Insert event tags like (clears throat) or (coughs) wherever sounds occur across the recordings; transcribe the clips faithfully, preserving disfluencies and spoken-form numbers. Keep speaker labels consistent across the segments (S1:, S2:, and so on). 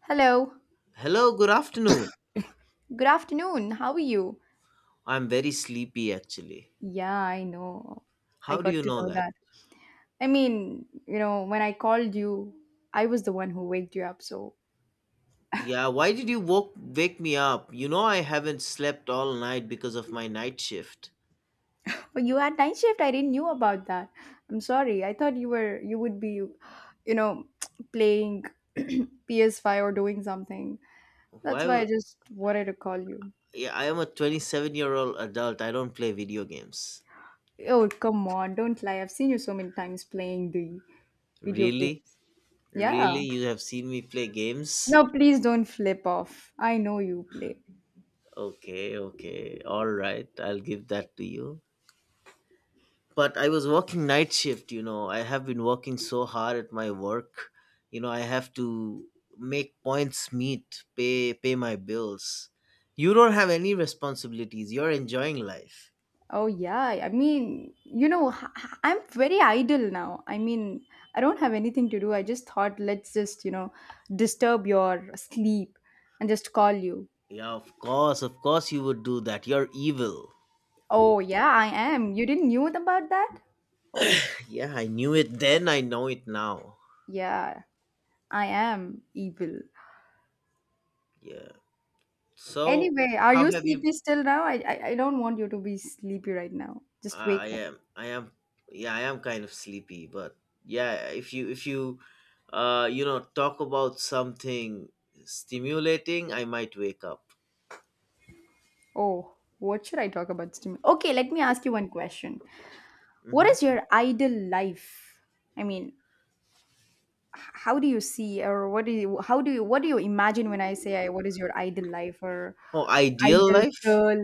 S1: Hello.
S2: Hello, good afternoon.
S1: Good afternoon. How are you?
S2: I'm very sleepy actually.
S1: Yeah, I know. I
S2: How do
S1: got
S2: you
S1: to
S2: know
S1: know
S2: that?
S1: that. I mean, you know, when I called you, I was the one who waked you up. So,
S2: Yeah, why did you woke, wake me up? You know I haven't slept all night because of my night shift.
S1: (laughs) but you had night shift. I didn't knew about that. I'm sorry. I thought you were you would be, you know, (tsk) playing (clears throat) P S five or doing something.
S2: Why?
S1: That's why I
S2: w-
S1: just wanted to call you.
S2: Yeah, I am a twenty-seven-year-old adult. I don't play video games.
S1: Oh, come on. Don't lie. I've seen you so many times playing the video
S2: Really?
S1: games. Yeah.
S2: Really? You have seen me play games?
S1: No, please don't flip off. I know you play.
S2: Okay, okay. All right. I'll give that to you. But I was working night shift, you know. I have been working so hard at my work. You know, I have to make points meet, pay pay my bills. You don't have any responsibilities. You're enjoying life.
S1: Oh, yeah. I mean, you know, h- h- I'm very idle now. I mean, I don't have anything to do. I just thought, let's just, you know, disturb your sleep and just call you.
S2: Yeah, of course, of course you would do that. You're evil. (laughs)
S1: Oh, yeah, I am. You didn't knew about that? Oh,
S2: Yeah, I knew it then, I know it now.
S1: yeah, I am evil.
S2: Yeah. So,
S1: Anyway, are
S2: how
S1: you
S2: have you
S1: sleepy still now? I, I, I don't want you to be sleepy right now.
S2: Uh,
S1: Just wake
S2: I
S1: up.
S2: am. I am. Yeah, I am kind of sleepy, but yeah, if you if you uh you know talk about something stimulating, I might wake up.
S1: Oh, what should I talk about? Stim- Okay, let me ask you one question. What
S2: Mm-hmm.
S1: is your ideal life? I mean, h- how do you see or what do you how do you what do you imagine when I say I, what is your ideal life or
S2: Oh, ideal
S1: ideal
S2: life?
S1: girl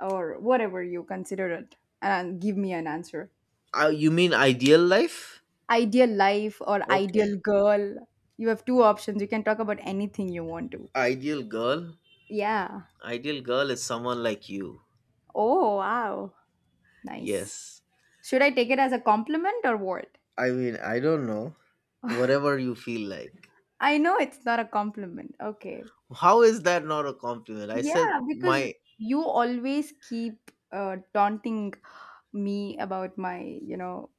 S1: or whatever you consider it, and give me an answer.
S2: Uh, you mean ideal life?
S1: Ideal life or
S2: Okay.
S1: ideal girl. You have two options. You can talk about anything you want to.
S2: Ideal girl.
S1: Yeah.
S2: Ideal girl is someone like you.
S1: Oh, wow. Nice.
S2: Yes.
S1: Should I take it as a compliment or what?
S2: I mean, I don't know. Whatever you feel like.
S1: I know it's not a compliment. Okay.
S2: How is that not a compliment? I said
S1: Yeah, because
S2: my
S1: you always keep uh, taunting me about my, you know,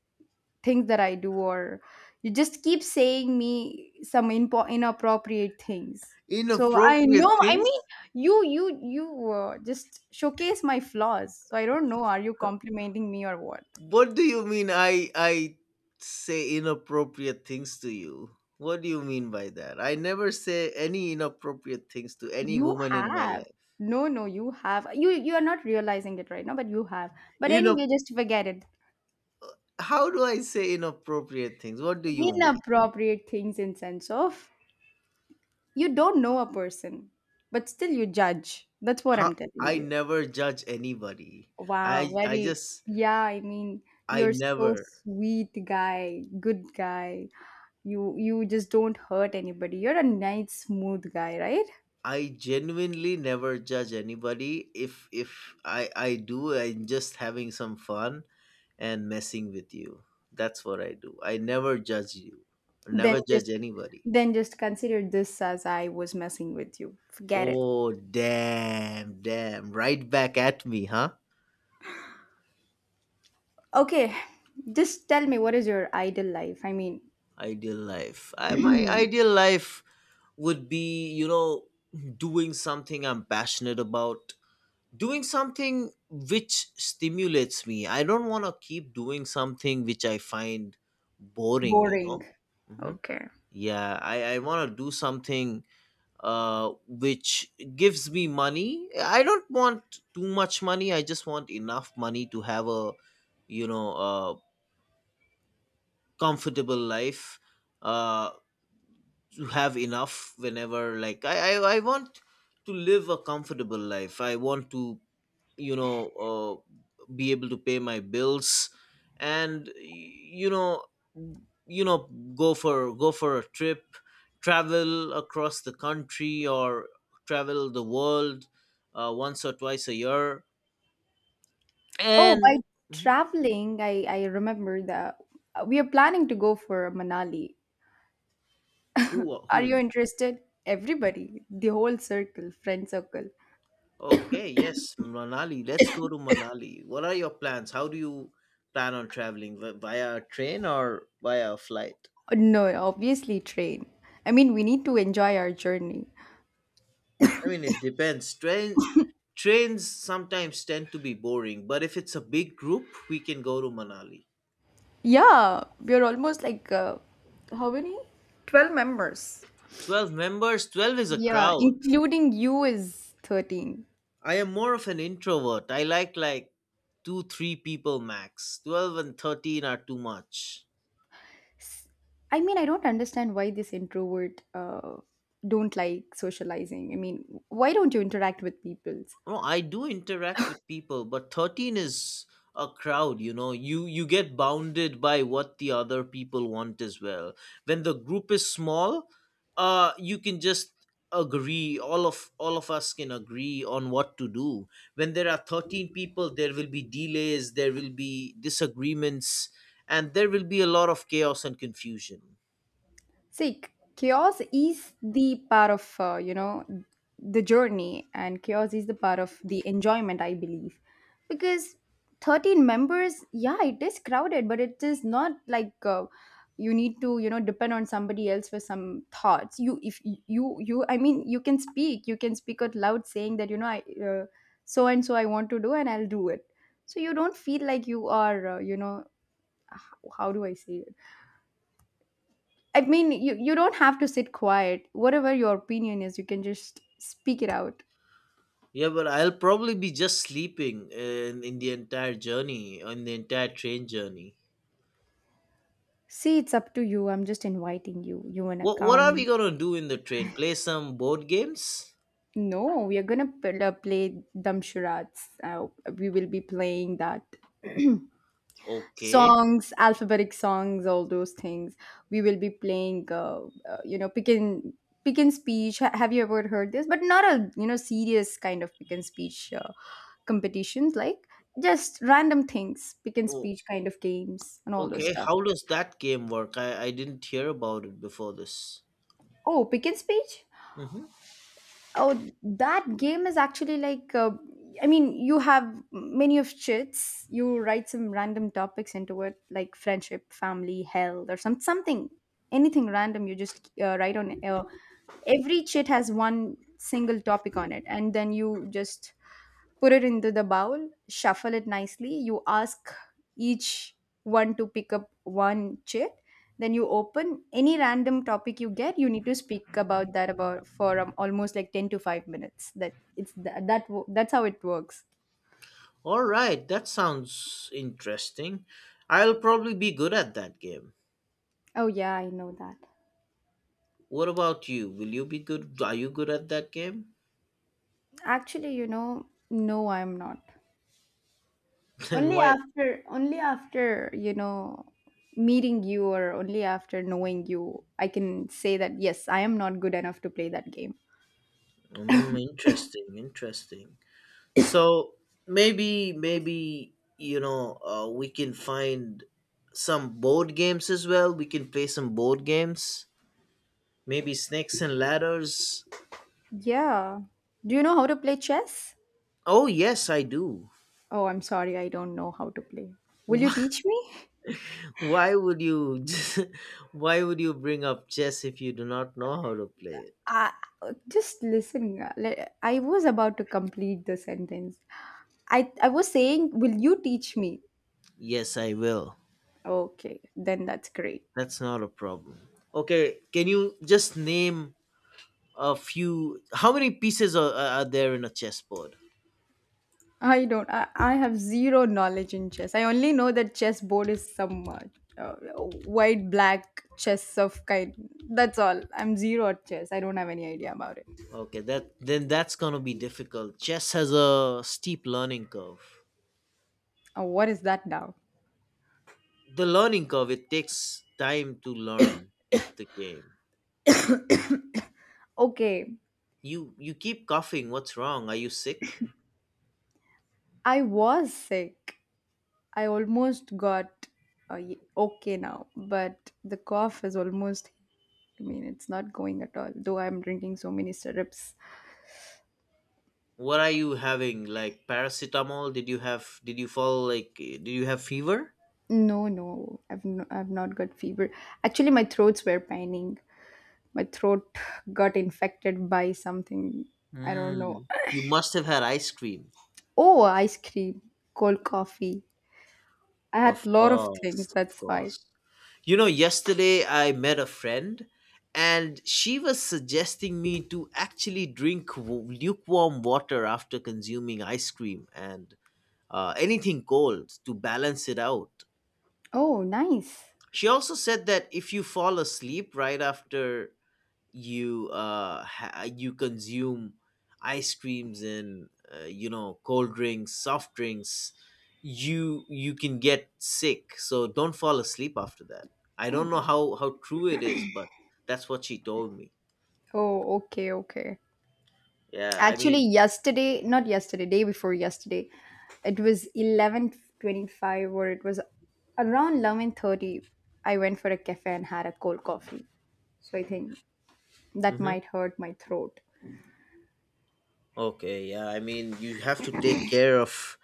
S1: things that I do, or you just keep saying me some impo- inappropriate things. So I
S2: inappropriate
S1: know. I
S2: things.
S1: mean, you, you, you uh, just showcase my flaws. So I don't know. Are you complimenting me or what?
S2: What do you mean I I say inappropriate things to you? What do you mean by that? I never say any inappropriate things to any
S1: You
S2: woman in my
S1: have.
S2: life.
S1: No, no, you have. You, you are not realizing it right now, but you have. But
S2: You
S1: anyway,
S2: know,
S1: just forget it.
S2: how do I say inappropriate things? What do you mean?
S1: Inappropriate things in sense of. You don't know a person, but still you judge. That's what
S2: How,
S1: I'm telling
S2: I
S1: you.
S2: never judge anybody.
S1: Wow,
S2: I I
S1: very,
S2: just
S1: yeah, I mean,
S2: I
S1: you're so
S2: never
S1: sweet guy, good guy. You you just don't hurt anybody. You're a nice, smooth guy, right?
S2: I genuinely never judge anybody. If if I I do, I'm just having some fun and messing with you. That's what I do. I never judge you. I
S1: Then
S2: never
S1: just
S2: judge anybody.
S1: then just consider this as I was messing with you. Forget it.
S2: Oh damn, damn. Right back at me, huh?
S1: Okay, just tell me what is your ideal life? I mean,
S2: Ideal life. I my ideal life would be, you know, doing something I'm passionate about. Doing something which stimulates me. I don't want to keep doing something which I find boring, you
S1: boring.
S2: know? Hmm.
S1: Okay.
S2: Yeah, I, I want to do something uh, which gives me money. I don't want too much money. I just want enough money to have a, you know, a comfortable life. Uh, to have enough whenever, like I, I, I want to live a comfortable life. I want to you know uh, be able to pay my bills and you know you know go for go for a trip, travel across the country, or travel the world uh, once or twice a year
S1: Oh,
S2: and
S1: by
S2: Mhm.
S1: traveling, I, I remember that we are planning to go for Manali.
S2: who
S1: Are you
S2: who
S1: interested? Everybody, the whole circle, friend circle.
S2: Okay, yes, Manali, let's go to Manali. What are your plans? How do you plan on traveling, Vi- via a train or via a flight?
S1: Uh, No, obviously train. I mean, we need to enjoy our journey.
S2: I mean, it depends. Train trains sometimes tend to be boring, but if it's a big group, we can go to Manali.
S1: Yeah, we are almost like uh, how many? twelve members.
S2: twelve members, twelve is a
S1: Yeah,
S2: crowd.
S1: including you is thirteen.
S2: I am more of an introvert. I like like two, three people max. twelve and thirteen are too much.
S1: S- I mean, I don't understand why this introvert uh, don't like socializing. I mean, why don't you interact with people?
S2: No, I do interact with people, but thirteen is a crowd, you know. You you get bounded by what the other people want as well. When the group is small, uh you can just agree all of all of us can agree on what to do. When there are thirteen people, there will be delays, there will be disagreements, and there will be a lot of chaos and confusion.
S1: See, c- chaos is the part of uh, you know, the journey, and chaos is the part of the enjoyment, I believe, because thirteen members, yeah, it is crowded, but it is not like uh, you need to, you know, depend on somebody else for some thoughts. You, if y- you you, I mean, you can speak, you can speak out loud, saying that, you know, I uh, so and so I want to do, and I'll do it. So you don't feel like you are uh, you know, h- how do I say, I mean, you, you don't have to sit quiet. Whatever your opinion is, you can just speak it out.
S2: Yeah, but I'll probably be just sleeping in, in the entire journey, on the entire train journey.
S1: See, it's up to you. I'm just inviting you. You wanna
S2: What what are we
S1: come?
S2: gonna do in the train? Play some board games?
S1: No, we are gonna pl- uh, play Dumb Charades. Uh, we will be playing that. (clears throat)
S2: Okay.
S1: Songs, alphabetic songs, all those things we will be playing, uh, uh, you know, pick and pick and speech. Ha- have you ever heard this? But not a, you know, serious kind of pick and speech uh, competitions, like just random things, pick and
S2: Oh,
S1: speech kind of games and all those
S2: okay.
S1: stuff.
S2: How does that game work? I, I didn't hear about it before this.
S1: Oh, pick and speech.
S2: Mm-hmm.
S1: Oh, that game is actually like, uh, I mean, you have many of chits. You write some random topics into it, like friendship, family, health, or some something, anything random. You just uh, write on. Uh, every chit has one single topic on it, and then you just put it into the bowl, shuffle it nicely. You ask each one to pick up one chit. Then you open any random topic you get. You need to speak about that, about for um, almost like ten to five minutes. That it's that, that wo- that's how it works.
S2: All right, that sounds interesting. I'll probably be good at that game.
S1: Oh yeah, I know that.
S2: What about you? Will you be good? Are you good at that game?
S1: Actually, you know, no, I'm not.
S2: (laughs) Then
S1: Only
S2: why?
S1: after only after, you know, meeting you, or only after knowing you, I can say that yes, I am not good enough to play that game.
S2: Mm, interesting, interesting. So maybe maybe you know uh, we can find some board games as well. We can play some board games. Maybe snakes and ladders.
S1: Yeah. Do you know how to play chess?
S2: Oh yes, I do.
S1: Oh, I'm sorry, I don't know how to play. Will you teach me?
S2: (laughs) Why would you (laughs) why would you bring up chess if you do not know how to play it?
S1: I just listen. uh, le- I was about to complete the sentence. I I was saying, will you teach me?
S2: Yes, I will.
S1: Okay, then that's great.
S2: That's not a problem. Okay, can you just name a few? How many pieces are, are are there in a chessboard?
S1: I don't. I, I have zero knowledge in chess. I only know that chess board is some uh, uh, white black chess of kind. That's all. I'm zero at chess. I don't have any idea about it.
S2: Okay, that then that's gonna be difficult. Chess has a steep learning curve.
S1: Oh, what is that now?
S2: The learning curve, it takes time to learn the game.
S1: Okay,
S2: You you keep coughing. What's wrong? Are you sick?
S1: I was sick. I almost got uh, y- okay now, but the cough is almost. I mean, it's not going at all. Though I'm drinking so many syrups.
S2: What are you having? Like paracetamol? Did you have? Did you fall? Like eh, did you have fever?
S1: No, no, I've no, I've not got fever. Actually, my throats were paining. My throat got infected by something. I don't know.
S2: Mm. You must have had ice cream.
S1: Oh, ice cream, cold coffee. I had
S2: Of
S1: lot of things.
S2: course, of
S1: That's why.
S2: course. You know, yesterday I met a friend and she was suggesting me to actually drink w- lukewarm water after consuming ice cream and uh, anything cold to balance it out.
S1: Oh, nice.
S2: She also said that if you fall asleep right after you uh ha- you consume ice creams and uh, you know cold drinks, soft drinks, you you can get sick, so don't fall asleep after that. I don't know how how true it is, but that's what she told me.
S1: Oh, okay, okay.
S2: yeah i
S1: Actually,
S2: mean
S1: yesterday, not yesterday, day before yesterday, it was eleven twenty-five, or it was around eleven thirty. I went for a cafe and had a cold coffee. So I think that
S2: hmm.
S1: might hurt my throat.
S2: Okay, yeah, I mean, you have to take care of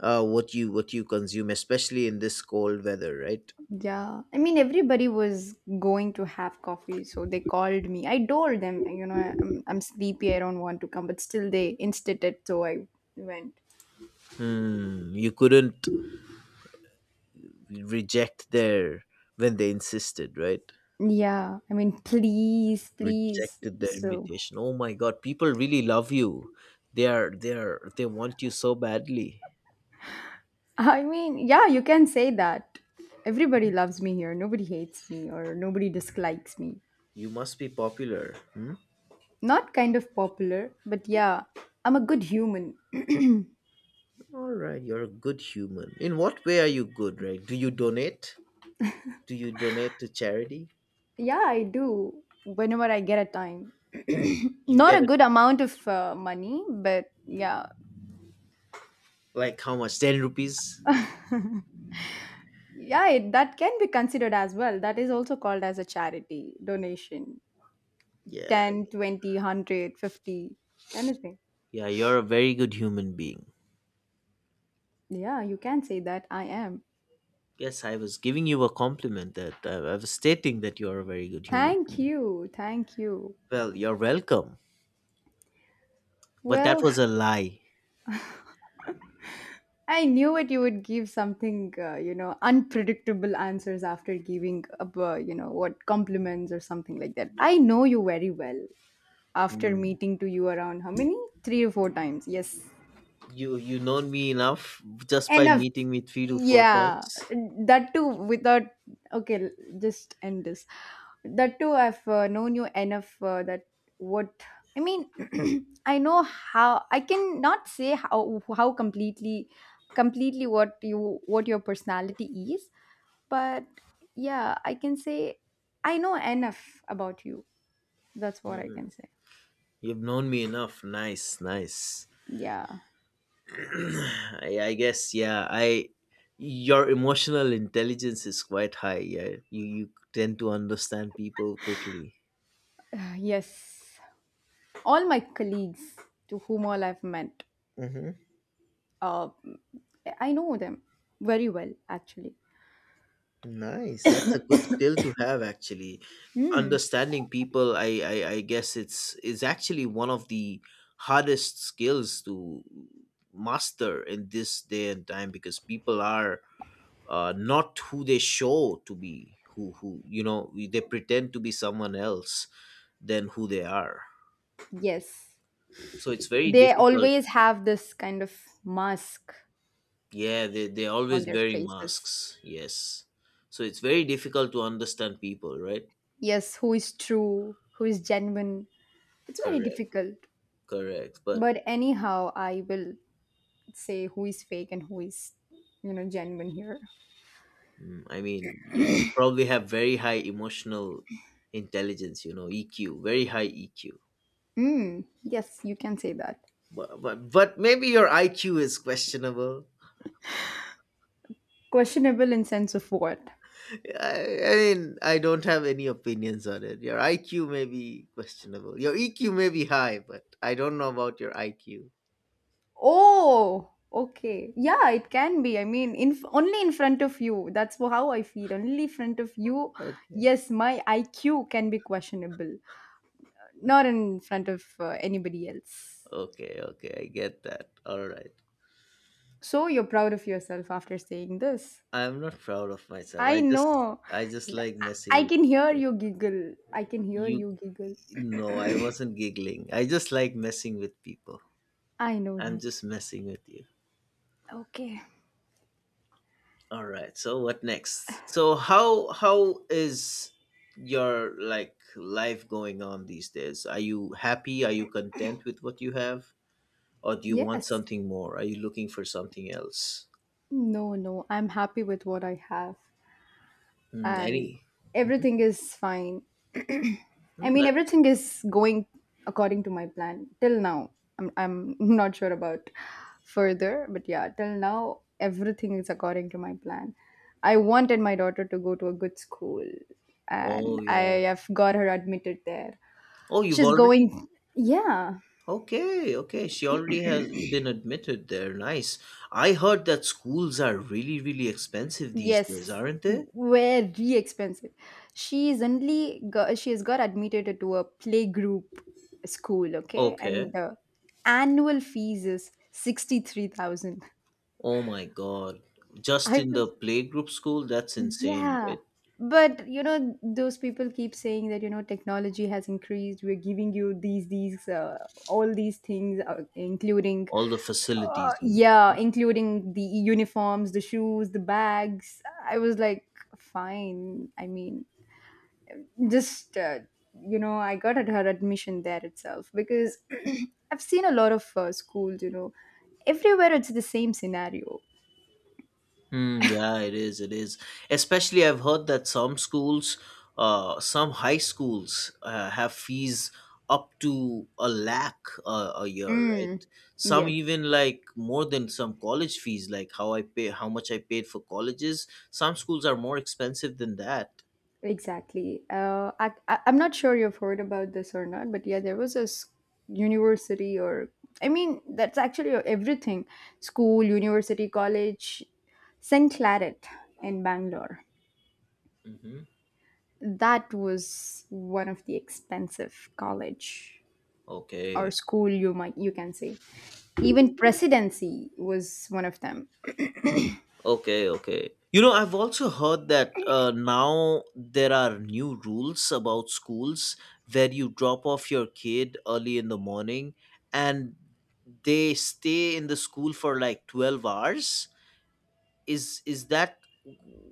S2: uh what you what you consume, especially in this cold weather, right?
S1: Yeah, I mean, everybody was going to have coffee, so they called me. I told them, you know, I'm, I'm sleepy, I don't want to come, but still they insisted, so I went.
S2: Hmm, you couldn't reject their, when they insisted, right?
S1: Yeah, I mean, please, please.
S2: Rejected their
S1: So
S2: invitation. Oh my god, people really love you. They are they are they want you so badly.
S1: I mean, yeah, you can say that. Everybody loves me here. Nobody hates me, or nobody dislikes me.
S2: You must be popular. Hmm?
S1: Not kind of popular, but yeah, I'm a good human. (clears throat)
S2: All right, you're a good human. In what way are you good, right? Do you donate? Do you donate to charity?
S1: Yeah, I do whenever I get a time. (clears throat)
S2: You
S1: Not
S2: get
S1: a
S2: it
S1: good amount of uh, money, but yeah.
S2: like how much? ten rupees?
S1: (laughs) Yeah, it, that can be considered as well. That is also called as a charity donation.
S2: Yeah.
S1: ten, twenty, one hundred, fifty, anything.
S2: Yeah, you're a very good human being.
S1: Yeah, you can say that I am.
S2: Yes, I was giving you a compliment that uh, I was stating that you're a very good human
S1: Thank
S2: being.
S1: you. Thank you.
S2: Well, you're welcome. But
S1: Well,
S2: that was a lie.
S1: I knew it, you would give something, uh, you know, unpredictable answers after giving up, uh, you know, what compliments or something like that. I know you very well after
S2: Hmm.
S1: meeting to you around how many? Three or four times. Yes.
S2: You you known me enough just by
S1: Enough,
S2: meeting me three to four
S1: yeah,
S2: times.
S1: that too without, okay, l- just end this. That too, I've uh, known you enough, uh, that what I mean (clears throat) I know how, I can not say how, how completely completely what you, what your personality is, but yeah, I can say I know enough about you. That's what I
S2: Hmm.
S1: can say.
S2: You've known me enough. Nice, nice.
S1: Yeah.
S2: (clears throat) I, I guess yeah. I Your emotional intelligence is quite high. Yeah, you you tend to understand people quickly.
S1: (sighs) Yes, all my colleagues to whom all I've met,
S2: Mm-hmm.
S1: Uh, I know them very well, actually.
S2: Nice. That's a good skill to have, actually.
S1: Hmm.
S2: Understanding people, I, I, I guess it's is actually one of the hardest skills to master in this day and time, because people are uh, not who they show to be, who who you know, we- they pretend to be someone else than who they are,
S1: Yes.
S2: so it's very
S1: They
S2: difficult.
S1: always have this kind of mask
S2: Yeah, they, they're
S1: on
S2: always
S1: their
S2: wearing
S1: faces.
S2: masks, yes, so it's very difficult to understand people, right?
S1: Yes, who is true, who is genuine. It's very
S2: Correct,
S1: difficult.
S2: correct, but
S1: But anyhow, I will say who is fake and who is, you know, genuine here.
S2: mm, I mean yeah, you probably have very high emotional intelligence, you know, E Q, very high E Q.
S1: Hmm. Yes, you can say that.
S2: but, but but maybe your IQ is questionable.
S1: Questionable in sense of what?
S2: I, I mean, I don't have any opinions on it. Your I Q may be questionable. Your E Q may be high, but I don't know about your I Q.
S1: Oh, okay. Yeah, it can be. I mean, in only in front of you. That's wh- how I feel. Only in front of you.
S2: Okay.
S1: Yes, my I Q can be questionable, not in front of uh, anybody else.
S2: Okay, okay. I get that. All right.
S1: So you're proud of yourself after saying this.
S2: I'm not proud of myself.
S1: I
S2: I just
S1: know.
S2: I just
S1: Th-
S2: like
S1: I I
S2: messing with
S1: can hear you giggle. I can hear
S2: you.
S1: you giggle.
S2: No, I wasn't giggling. I just like messing with people.
S1: I know
S2: I'm
S1: that.
S2: just messing with you.
S1: Okay.
S2: All right. So what next? So how how is your like life going on these days? Are you happy? Are you content with what you have, or do you want
S1: Yes.
S2: something more? Are you looking for something else?
S1: No, no. I'm happy with what I have,
S2: Mm,
S1: and
S2: any? Mhm.
S1: everything is fine. (clears throat) I
S2: Mm,
S1: mean,
S2: that's
S1: everything is going according to my plan till now. I'm, I'm (laughs) not sure about further, but yeah, till now, everything is according to my plan. I wanted my daughter to go to a good school, and
S2: oh yeah.
S1: I have got her admitted there.
S2: Oh, you've
S1: She's
S2: already.
S1: going, yeah.
S2: Okay, okay. She already has been admitted there. Nice. I heard that schools are really, really expensive these days,
S1: Yes,
S2: aren't they?
S1: very expensive. She's only got, she has got admitted to a playgroup school, okay? And
S2: Okay.
S1: the annual fees is sixty-three thousand.
S2: Oh my God.
S1: (laughs)
S2: Just
S1: I
S2: in the
S1: was,
S2: playgroup school, that's insane,
S1: yeah.
S2: right?
S1: But, you know, those people keep saying that, you know, technology has increased. We're giving you these, these, uh, all these things, uh, including,
S2: All the
S1: uh,
S2: facilities you mean.
S1: yeah, including the uniforms, the shoes, the bags. I was like, fine. I mean, just uh, you know, I got at her admission there itself because (clears throat) I've seen a lot of uh, schools, you know, everywhere it's the same scenario.
S2: Hmm, yeah, it is, it is. Especially I've heard that some schools, uh, some high schools uh, have fees up to a lakh uh, a year,
S1: Mm.
S2: right? Some
S1: Yes,
S2: even like more than some college fees, like how I pay, how much I paid for colleges. Some schools are more expensive than that.
S1: exactly. uh, I, I, I'm not sure you've heard about this or not, but yeah, there was a s- university, or I mean that's actually everything, school, university, college. St Claret in Bangalore,
S2: Hmm.
S1: that was one of the expensive college or
S2: Okay.
S1: school, you might, you can say. Even Presidency was one of them.
S2: Okay, okay. You know, I've also heard that uh, now there are new rules about schools where you drop off your kid early in the morning and they stay in the school for like twelve hours. Is is that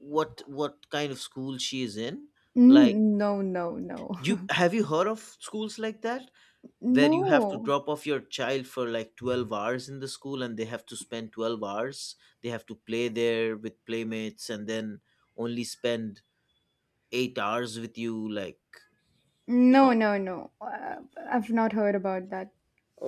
S2: what what kind of school she is in? Like,
S1: N- no no no
S2: you have you heard of schools like that,
S1: (laughs)
S2: where
S1: no
S2: you have to drop off your child for like twelve hours in the school, and they have to spend twelve hours, they have to play there with playmates, and then only spend eight hours with you, like, you
S1: no
S2: know.
S1: no no uh, I've not heard about that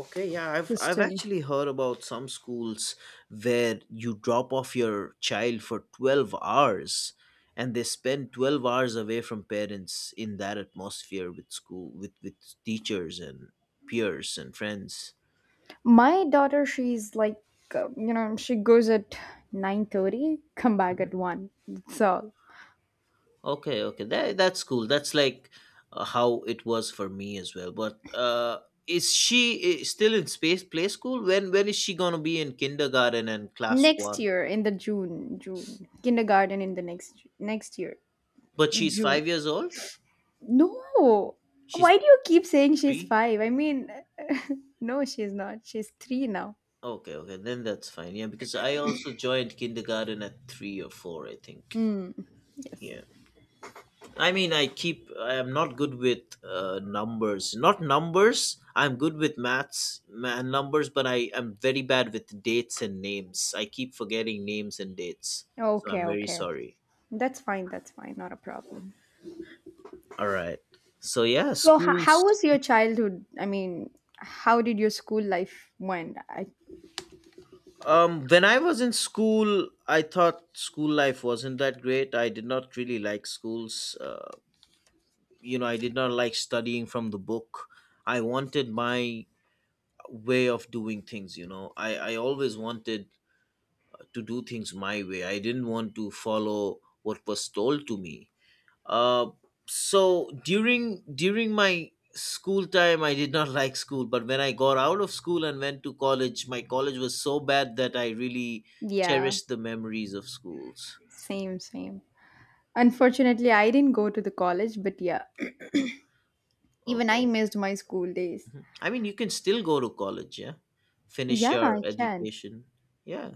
S2: Okay, yeah, i've I've
S1: system.
S2: actually heard about some schools where you drop off your child for twelve hours and they spend twelve hours away from parents in that atmosphere with school, with with teachers and peers and friends.
S1: My daughter, she's like, uh, you know, she goes at nine thirty, come back at one, that's all.
S2: Okay, okay, that that's cool. That's like uh, how it was for me as well. But uh, is she i- still in space play school? When when is she gonna be in kindergarten and class
S1: Next
S2: one?
S1: year in the june june kindergarten in the next next year,
S2: But she's
S1: June.
S2: five years old.
S1: No,
S2: She's
S1: why do you keep saying she's
S2: three.
S1: five? I mean, no, she's not, she's three now.
S2: Okay, okay, then that's fine. Yeah, because I also joined kindergarten at three or four, I think.
S1: Hmm. Yes.
S2: Yeah. I mean, I keep. I am not good with uh, numbers. Not numbers. I'm good with maths ma- and numbers, but I am very bad with dates and names. I keep forgetting names and dates, so
S1: Okay,
S2: I'm very
S1: okay.
S2: sorry.
S1: That's fine. That's fine. Not a problem.
S2: All right. So yeah,
S1: So, ho- how
S2: schools.
S1: was your childhood? I mean, how did your school life went? I,
S2: Um, when I was in school, I thought school life wasn't that great. I did not really like schools. Uh, you know, I did not like studying from the book. I wanted my way of doing things. You know, I I always wanted to do things my way. I didn't want to follow what was told to me. Uh, so during during my school time, I did not (laughs) like school. But when I got out of school and went to college, my college was so bad that I really
S1: yeah,
S2: cherished the memories of schools.
S1: same, same. Unfortunately, I didn't go to the college, but yeah, even I
S2: Okay,
S1: missed my school days.
S2: I mean you can still go to college, yeah, finish
S1: Yeah,
S2: your
S1: I can.
S2: education, yeah.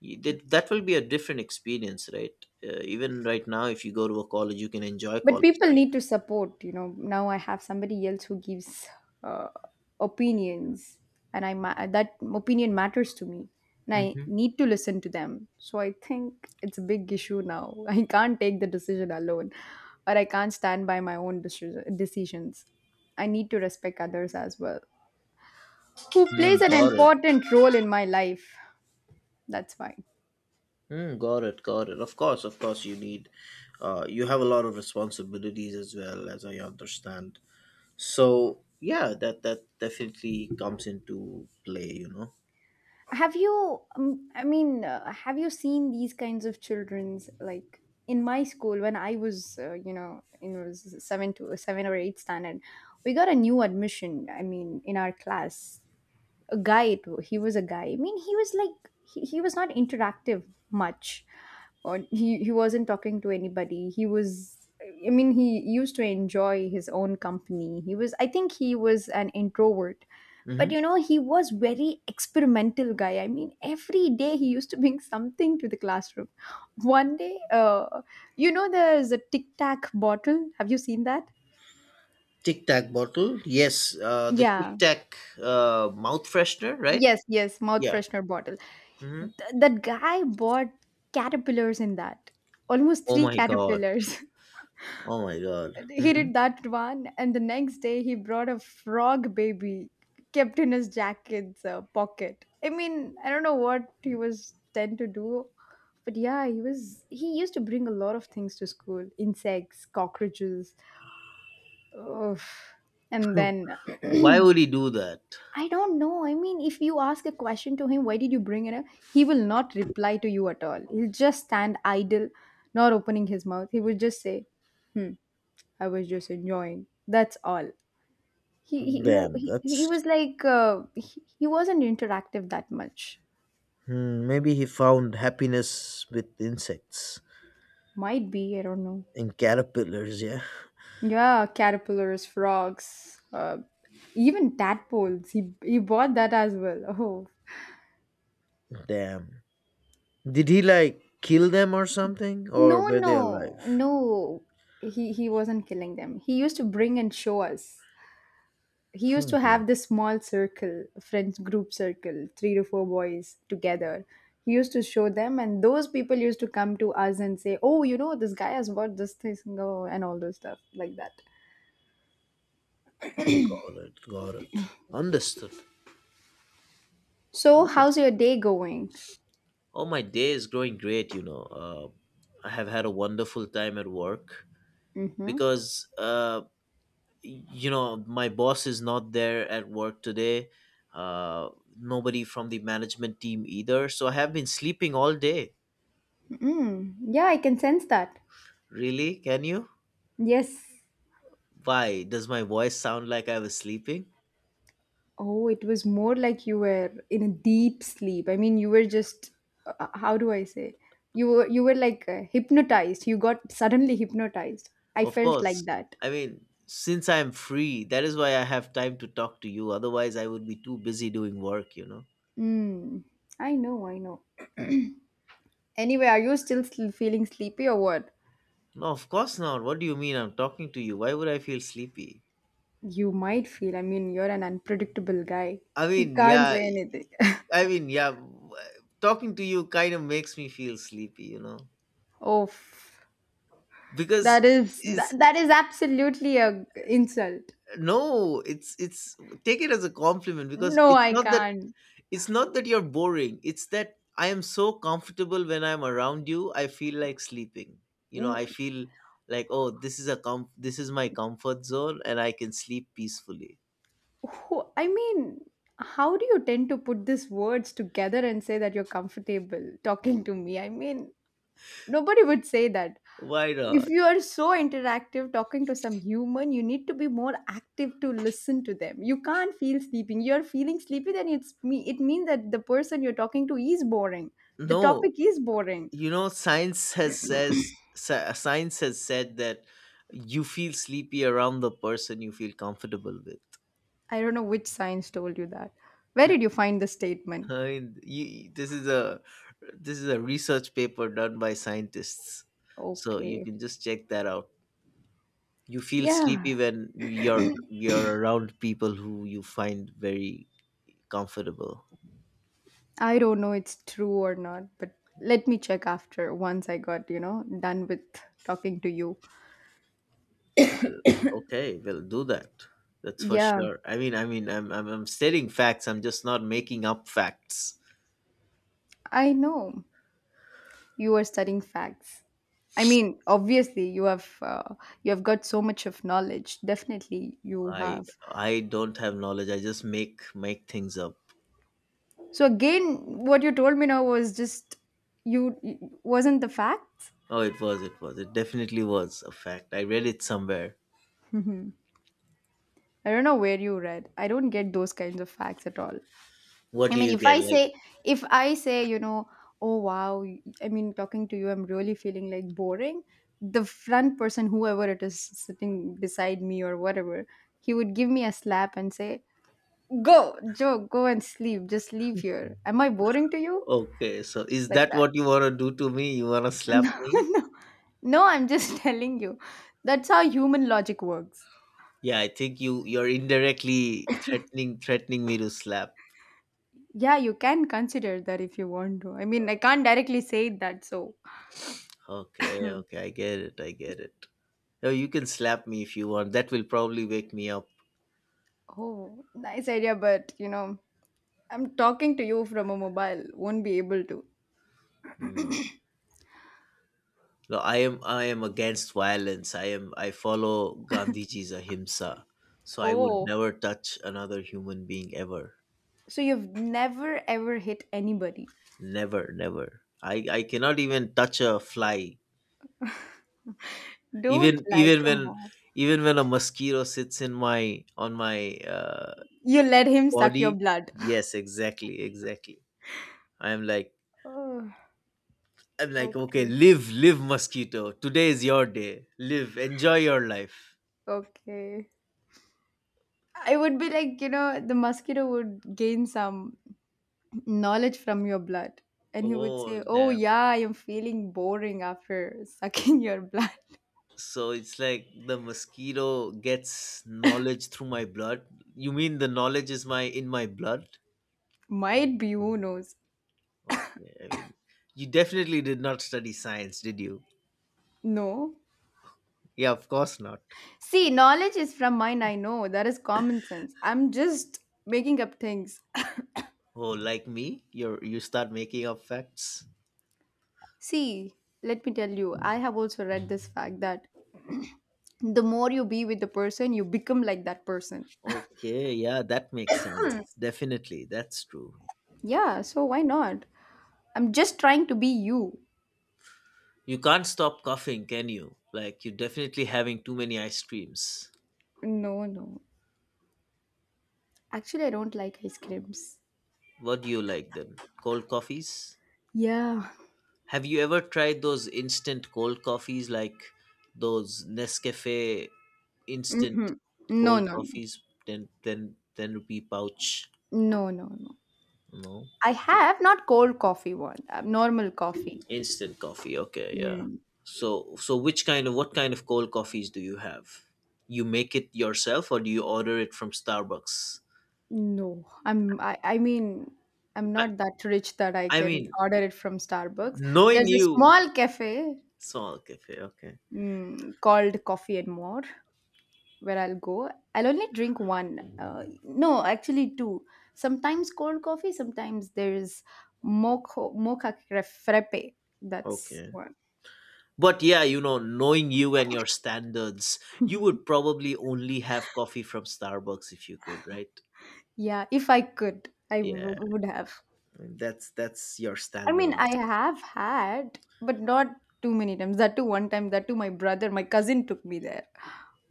S2: You, that, that will be a different experience, right? Uh, even right now, if you go to a college, you can enjoy
S1: But
S2: college
S1: people need to support, you know. Now I have somebody else who gives uh, opinions, and i ma- that opinion matters to me, and
S2: life.
S1: I
S2: Mhm.
S1: need to listen to them. So I think it's a big issue now. (laughs) I can't take the decision alone, or I can't stand by my own deci- decisions. I need to respect others as well, who
S2: Mm,
S1: plays an
S2: got it.
S1: important role in my life. That's why.
S2: Mm, got it. Got it. Of course, of course, you need, uh, you have a lot of responsibilities as well, as I understand. So yeah, that that definitely comes into play. You know,
S1: Have you, um, I mean, uh, have you seen these kinds of children's like, in my school when I was, uh, you know, in was seven to seven or eight standard, we got a new admission. I mean, in our class, a guy. It, he was a guy. I mean, he was like he, he was not interactive much, or he he wasn't talking to anybody. He was. I mean, he used to enjoy his own company. He was, I think, he was an introvert,
S2: mm-hmm.
S1: but you know, he was very experimental guy. I mean, every day he used to bring something to the classroom. One day, uh, you know, there's a Tic Tac bottle, have you seen that?
S2: Tic Tac bottle. Yes, uh, the
S1: Yeah,
S2: Tic Tac uh, mouth freshener, right?
S1: yes, yes, mouth
S2: Yeah.
S1: freshener bottle.
S2: Hmm.
S1: Th- that guy bought caterpillars in that, almost
S2: Oh
S1: three
S2: my god.
S1: caterpillars. (laughs)
S2: Oh my god.
S1: he
S2: Hmm.
S1: did that one, and the next day he brought a frog baby, kept in his jacket's uh, pocket. I mean, I don't know what he was tend to do, but yeah, he was he used to bring a lot of things to school, insects, cockroaches. Ugh. And then,
S2: (laughs) Why
S1: (clears throat)
S2: would he do that?
S1: I don't know. I mean, if you ask a question to him, why did you bring it up, he will not reply to you at all. He'll just stand idle, not opening his mouth. He will just say, hmm, I was just enjoying. That's all. he he
S2: Damn,
S1: he, he
S2: that's
S1: was like, uh, he, he wasn't interactive that much.
S2: hmm, maybe he found happiness with insects
S1: Might be, I don't know.
S2: and caterpillars. Yeah.
S1: Yeah, caterpillars, frogs, uh, even tadpoles, he he bought that as well. (laughs) oh,
S2: Damn. Did he like kill them or something?
S1: no,
S2: Or were they
S1: no,
S2: alive?
S1: no, he he wasn't killing them. He used to bring and show us. He used
S2: Hmm.
S1: to
S2: Wow.
S1: have this small circle, friends group circle, three to four boys together. He used to show them, and those people used to come to us and say, "Oh, you know, this guy has bought this thing, oh, and all those stuff like that."
S2: Got it. Got it. Understood.
S1: So, how's
S2: Nice.
S1: your day going?
S2: Oh, my day is going great, you know. Uh, I have had a wonderful time at work
S1: Mm-hmm.
S2: because, uh, you know, my boss is not there at work today. Uh, Nobody from the management team either. So I have been sleeping all day.
S1: Mm, yeah, I can sense that.
S2: Really? Can you?
S1: Yes.
S2: Why? Does my voice sound like I was sleeping?
S1: Oh, it was more like you were in a deep sleep. I mean, you were just, uh, how do I say? You were you were like, uh, hypnotized. You got suddenly hypnotized. I
S2: Of
S1: felt like
S2: course.
S1: that.
S2: I mean, since I'm free, that is why I have time to talk to you. Otherwise, I would be too busy doing work, you know.
S1: Mm, I know, I know. Anyway, are you still sl- feeling sleepy or what?
S2: No, of course not. What do you mean I'm talking to you? Why would I feel sleepy?
S1: You might feel. I mean, you're an unpredictable guy.
S2: I
S1: You
S2: mean,
S1: can't
S2: yeah,
S1: say anything. (laughs)
S2: I mean, yeah, w- Talking to you kind of makes me feel sleepy, you know.
S1: Oh, that
S2: Because
S1: is
S2: it's
S1: that, that is absolutely a g- insult.
S2: no, it's it's take it as a compliment because
S1: No,
S2: it's
S1: I
S2: not that
S1: can't.
S2: It's not that you're boring, it's that I am so comfortable when I'm around you, I feel like sleeping. You know, I
S1: No.
S2: feel like, oh, this is a com- this is my comfort zone and I can sleep peacefully.
S1: Who- I mean, how do you tend to put these words together and say that you're comfortable talking to me? I mean, nobody would say that.
S2: Why
S1: If
S2: not?
S1: you are so interactive talking to some human, you need to be more active to listen to them. You can't feel sleeping. You're feeling sleepy, then it's me. It means that the person you're talking to is boring. The
S2: No,
S1: topic is boring.
S2: you know, science has says sci- science has said that you feel sleepy around the person you feel comfortable with.
S1: I don't know which science told you that. Where did you find the
S2: (laughs)
S1: statement?
S2: I mean, you, this is a this is a research paper done by scientists, so you
S1: Okay.
S2: can just check that out. You feel
S1: Yeah.
S2: sleepy when you're you're around people who you find very comfortable.
S1: I don't know it's true or not, but let me check after once I got, you know, done with talking to you.
S2: Well, okay, we'll do that. That's for
S1: Yeah,
S2: sure. I mean, I mean, I'm I'm, I'm stating facts. I'm just not making up facts.
S1: I know. You are studying facts. I mean, obviously you have, uh, you have got so much of knowledge, definitely you
S2: I
S1: have.
S2: I don't have knowledge. I just make make things up.
S1: So again, what you told me now was just, you wasn't the facts.
S2: Oh, it was, it was, it definitely was a fact. I read it somewhere.
S1: (laughs) I don't know where you read. I don't get those kinds of facts at all.
S2: What
S1: I
S2: do
S1: mean,
S2: you
S1: if
S2: get?
S1: i
S2: Like,
S1: say if I say, you know, oh wow, y- I mean, talking to you I'm really feeling like boring, the front person, whoever it is sitting beside me or whatever, he would give me a slap and say, "Go, Joe, go and sleep. Just leave here. Am I boring to you?"
S2: okay, so is
S1: Like
S2: that
S1: that.
S2: what you want to do to me? You want to
S1: (laughs)
S2: slap
S1: No,
S2: me?
S1: no, no, I'm just (laughs) telling you. That's how human logic works.
S2: Yeah, I think you you're indirectly threatening threatening me to slap.
S1: Yeah, you can consider that if you want to. I mean, I can't directly say that, so.
S2: Okay, okay, I get it. I get it. No, you can slap me if you want. That will probably wake me up.
S1: Oh, nice idea, but you know, I'm talking to you from a mobile. Won't be able to.
S2: Mm. No, I am I am against violence. I am I follow Gandhiji's ahimsa. So I would
S1: Oh,
S2: never touch another human being ever.
S1: so you've never ever hit anybody.
S2: Never, never. I I cannot even touch a fly.
S1: Don't
S2: Even
S1: lie,
S2: even
S1: come
S2: when
S1: on.
S2: even when a mosquito sits in my on my uh,
S1: You let him suck your
S2: body,
S1: blood. (laughs)
S2: yes, exactly, exactly. i'm like
S1: Oh,
S2: i'm like okay,
S1: okay,
S2: live live mosquito, today is your day, live, enjoy your life.
S1: okay. I would be like, you know, the mosquito would gain some knowledge from your blood. And he would
S2: Oh
S1: say, "Oh,
S2: damn,
S1: yeah, I am feeling boring after (laughs) sucking your blood."
S2: so it's like the mosquito gets knowledge through my blood. You mean the knowledge is my in my blood.
S1: (laughs) Might be, who knows?
S2: Okay, I mean, you definitely did not study science, did you?
S1: No.
S2: Yeah, of course not.
S1: See, knowledge is from mine, I know. That is common sense. I'm just making up things. (laughs)
S2: Oh, like me, you're you start making up facts.
S1: See, let me tell you, I have also read this fact that the more you be with the person, you become like that person.
S2: Okay, yeah, that makes sense. Definitely, that's true.
S1: Yeah, so why not? I'm just trying to be you.
S2: You can't stop coughing, can you? Like, you're definitely having too many ice creams.
S1: No, no. Actually, I don't like ice creams.
S2: What do you like then? Cold coffees?
S1: Yeah.
S2: Have you ever tried those instant cold coffees, like those Nescafe
S1: Hmm.
S2: instant
S1: No,
S2: cold
S1: no, no,
S2: coffees, ten, ten, ten rupee pouch?
S1: no, no, no.
S2: No.
S1: I
S2: So,
S1: have not cold coffee one. Uh, normal coffee.
S2: instant coffee, okay, yeah.
S1: Mm.
S2: So, so which kind of what kind of cold coffees do you have? You make it yourself, or do you order it from Starbucks?
S1: No, I'm. I, I mean, I'm
S2: I,
S1: not that rich that I
S2: I
S1: can
S2: mean,
S1: order it from Starbucks.
S2: knowing
S1: There's a
S2: you,
S1: small cafe,
S2: Soul Cafe. Okay.
S1: mm, called Coffee and More, where I'll go. I'll only drink one. Uh, no, actually two. Sometimes cold coffee. Sometimes there's mocha mocha crepe- frappe. That's
S2: Okay.
S1: one.
S2: But yeah, you know, knowing you and your standards, you would probably only have coffee from Starbucks if you could, right?
S1: Yeah, if I could, I w-
S2: Yeah,
S1: would have.
S2: that's that's your
S1: I mean, I
S2: standards.
S1: have had, but not too many times. That too, one time, that too, my brother, my cousin took me there.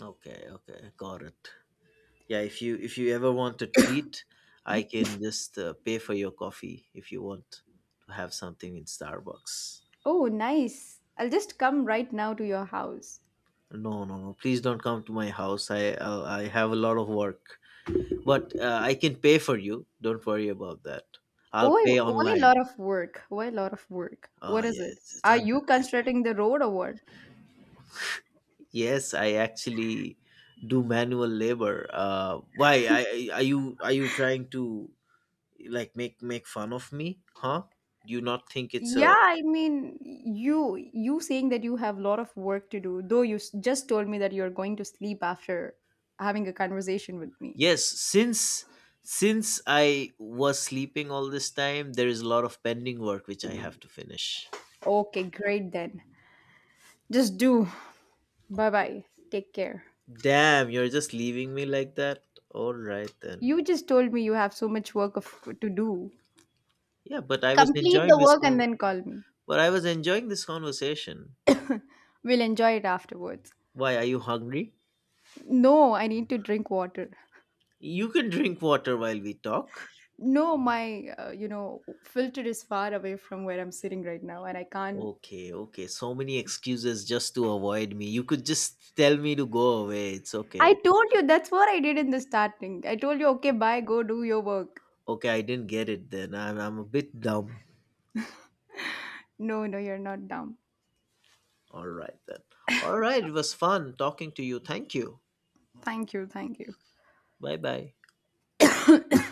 S2: Okay, okay, got it. Yeah, if you if you ever want a treat, I can just uh, pay for your coffee if you want to have something in Starbucks.
S1: Oh, nice. I'll just come right now to your house.
S2: No, no, no. Please don't come to my house. I I'll, I have a lot of work. But uh, I can pay for you. Don't worry about that. I'll
S1: Why,
S2: pay
S1: why a
S2: online.
S1: lot of work? Why a lot of work?
S2: Oh
S1: What is it?
S2: yes, it's-
S1: Are
S2: I'm-
S1: you constructing the road or what?
S2: yes. I actually do manual labor. Uh, why? I, I are you are you trying to like make make fun of me? Huh? Do you not think it's a
S1: Yeah, I mean, you you saying that you have a lot of work to do, though you s- just told me that you're going to sleep after having a conversation with me.
S2: yes? Since since I was sleeping all this time, there is a lot of pending work which I have to finish.
S1: Okay, great then. Just do. Bye bye. Take care.
S2: Damn, you're just leaving me like that. All right then.
S1: You just told me you have so much work of, to do.
S2: Yeah, but I was
S1: Complete the
S2: enjoying this
S1: work and
S2: one.
S1: then call me.
S2: But I was enjoying this conversation.
S1: We'll enjoy it afterwards.
S2: Why are you hungry?
S1: No, I need to drink water.
S2: You can drink water while we talk.
S1: No, my uh, you know, filter is far away from where I'm sitting right now, and I can't.
S2: Okay, okay. So many excuses just to avoid me. You could just tell me to go away. It's
S1: I
S2: okay.
S1: told you that's what I did in the starting. I told you, okay, bye, go do your work.
S2: Okay, I didn't get it then. I'm, I'm a bit dumb.
S1: No, no, you're not dumb.
S2: All right then. All right, it was fun talking to you. Thank you.
S1: Thank you, thank you.
S2: Bye bye.
S1: (coughs)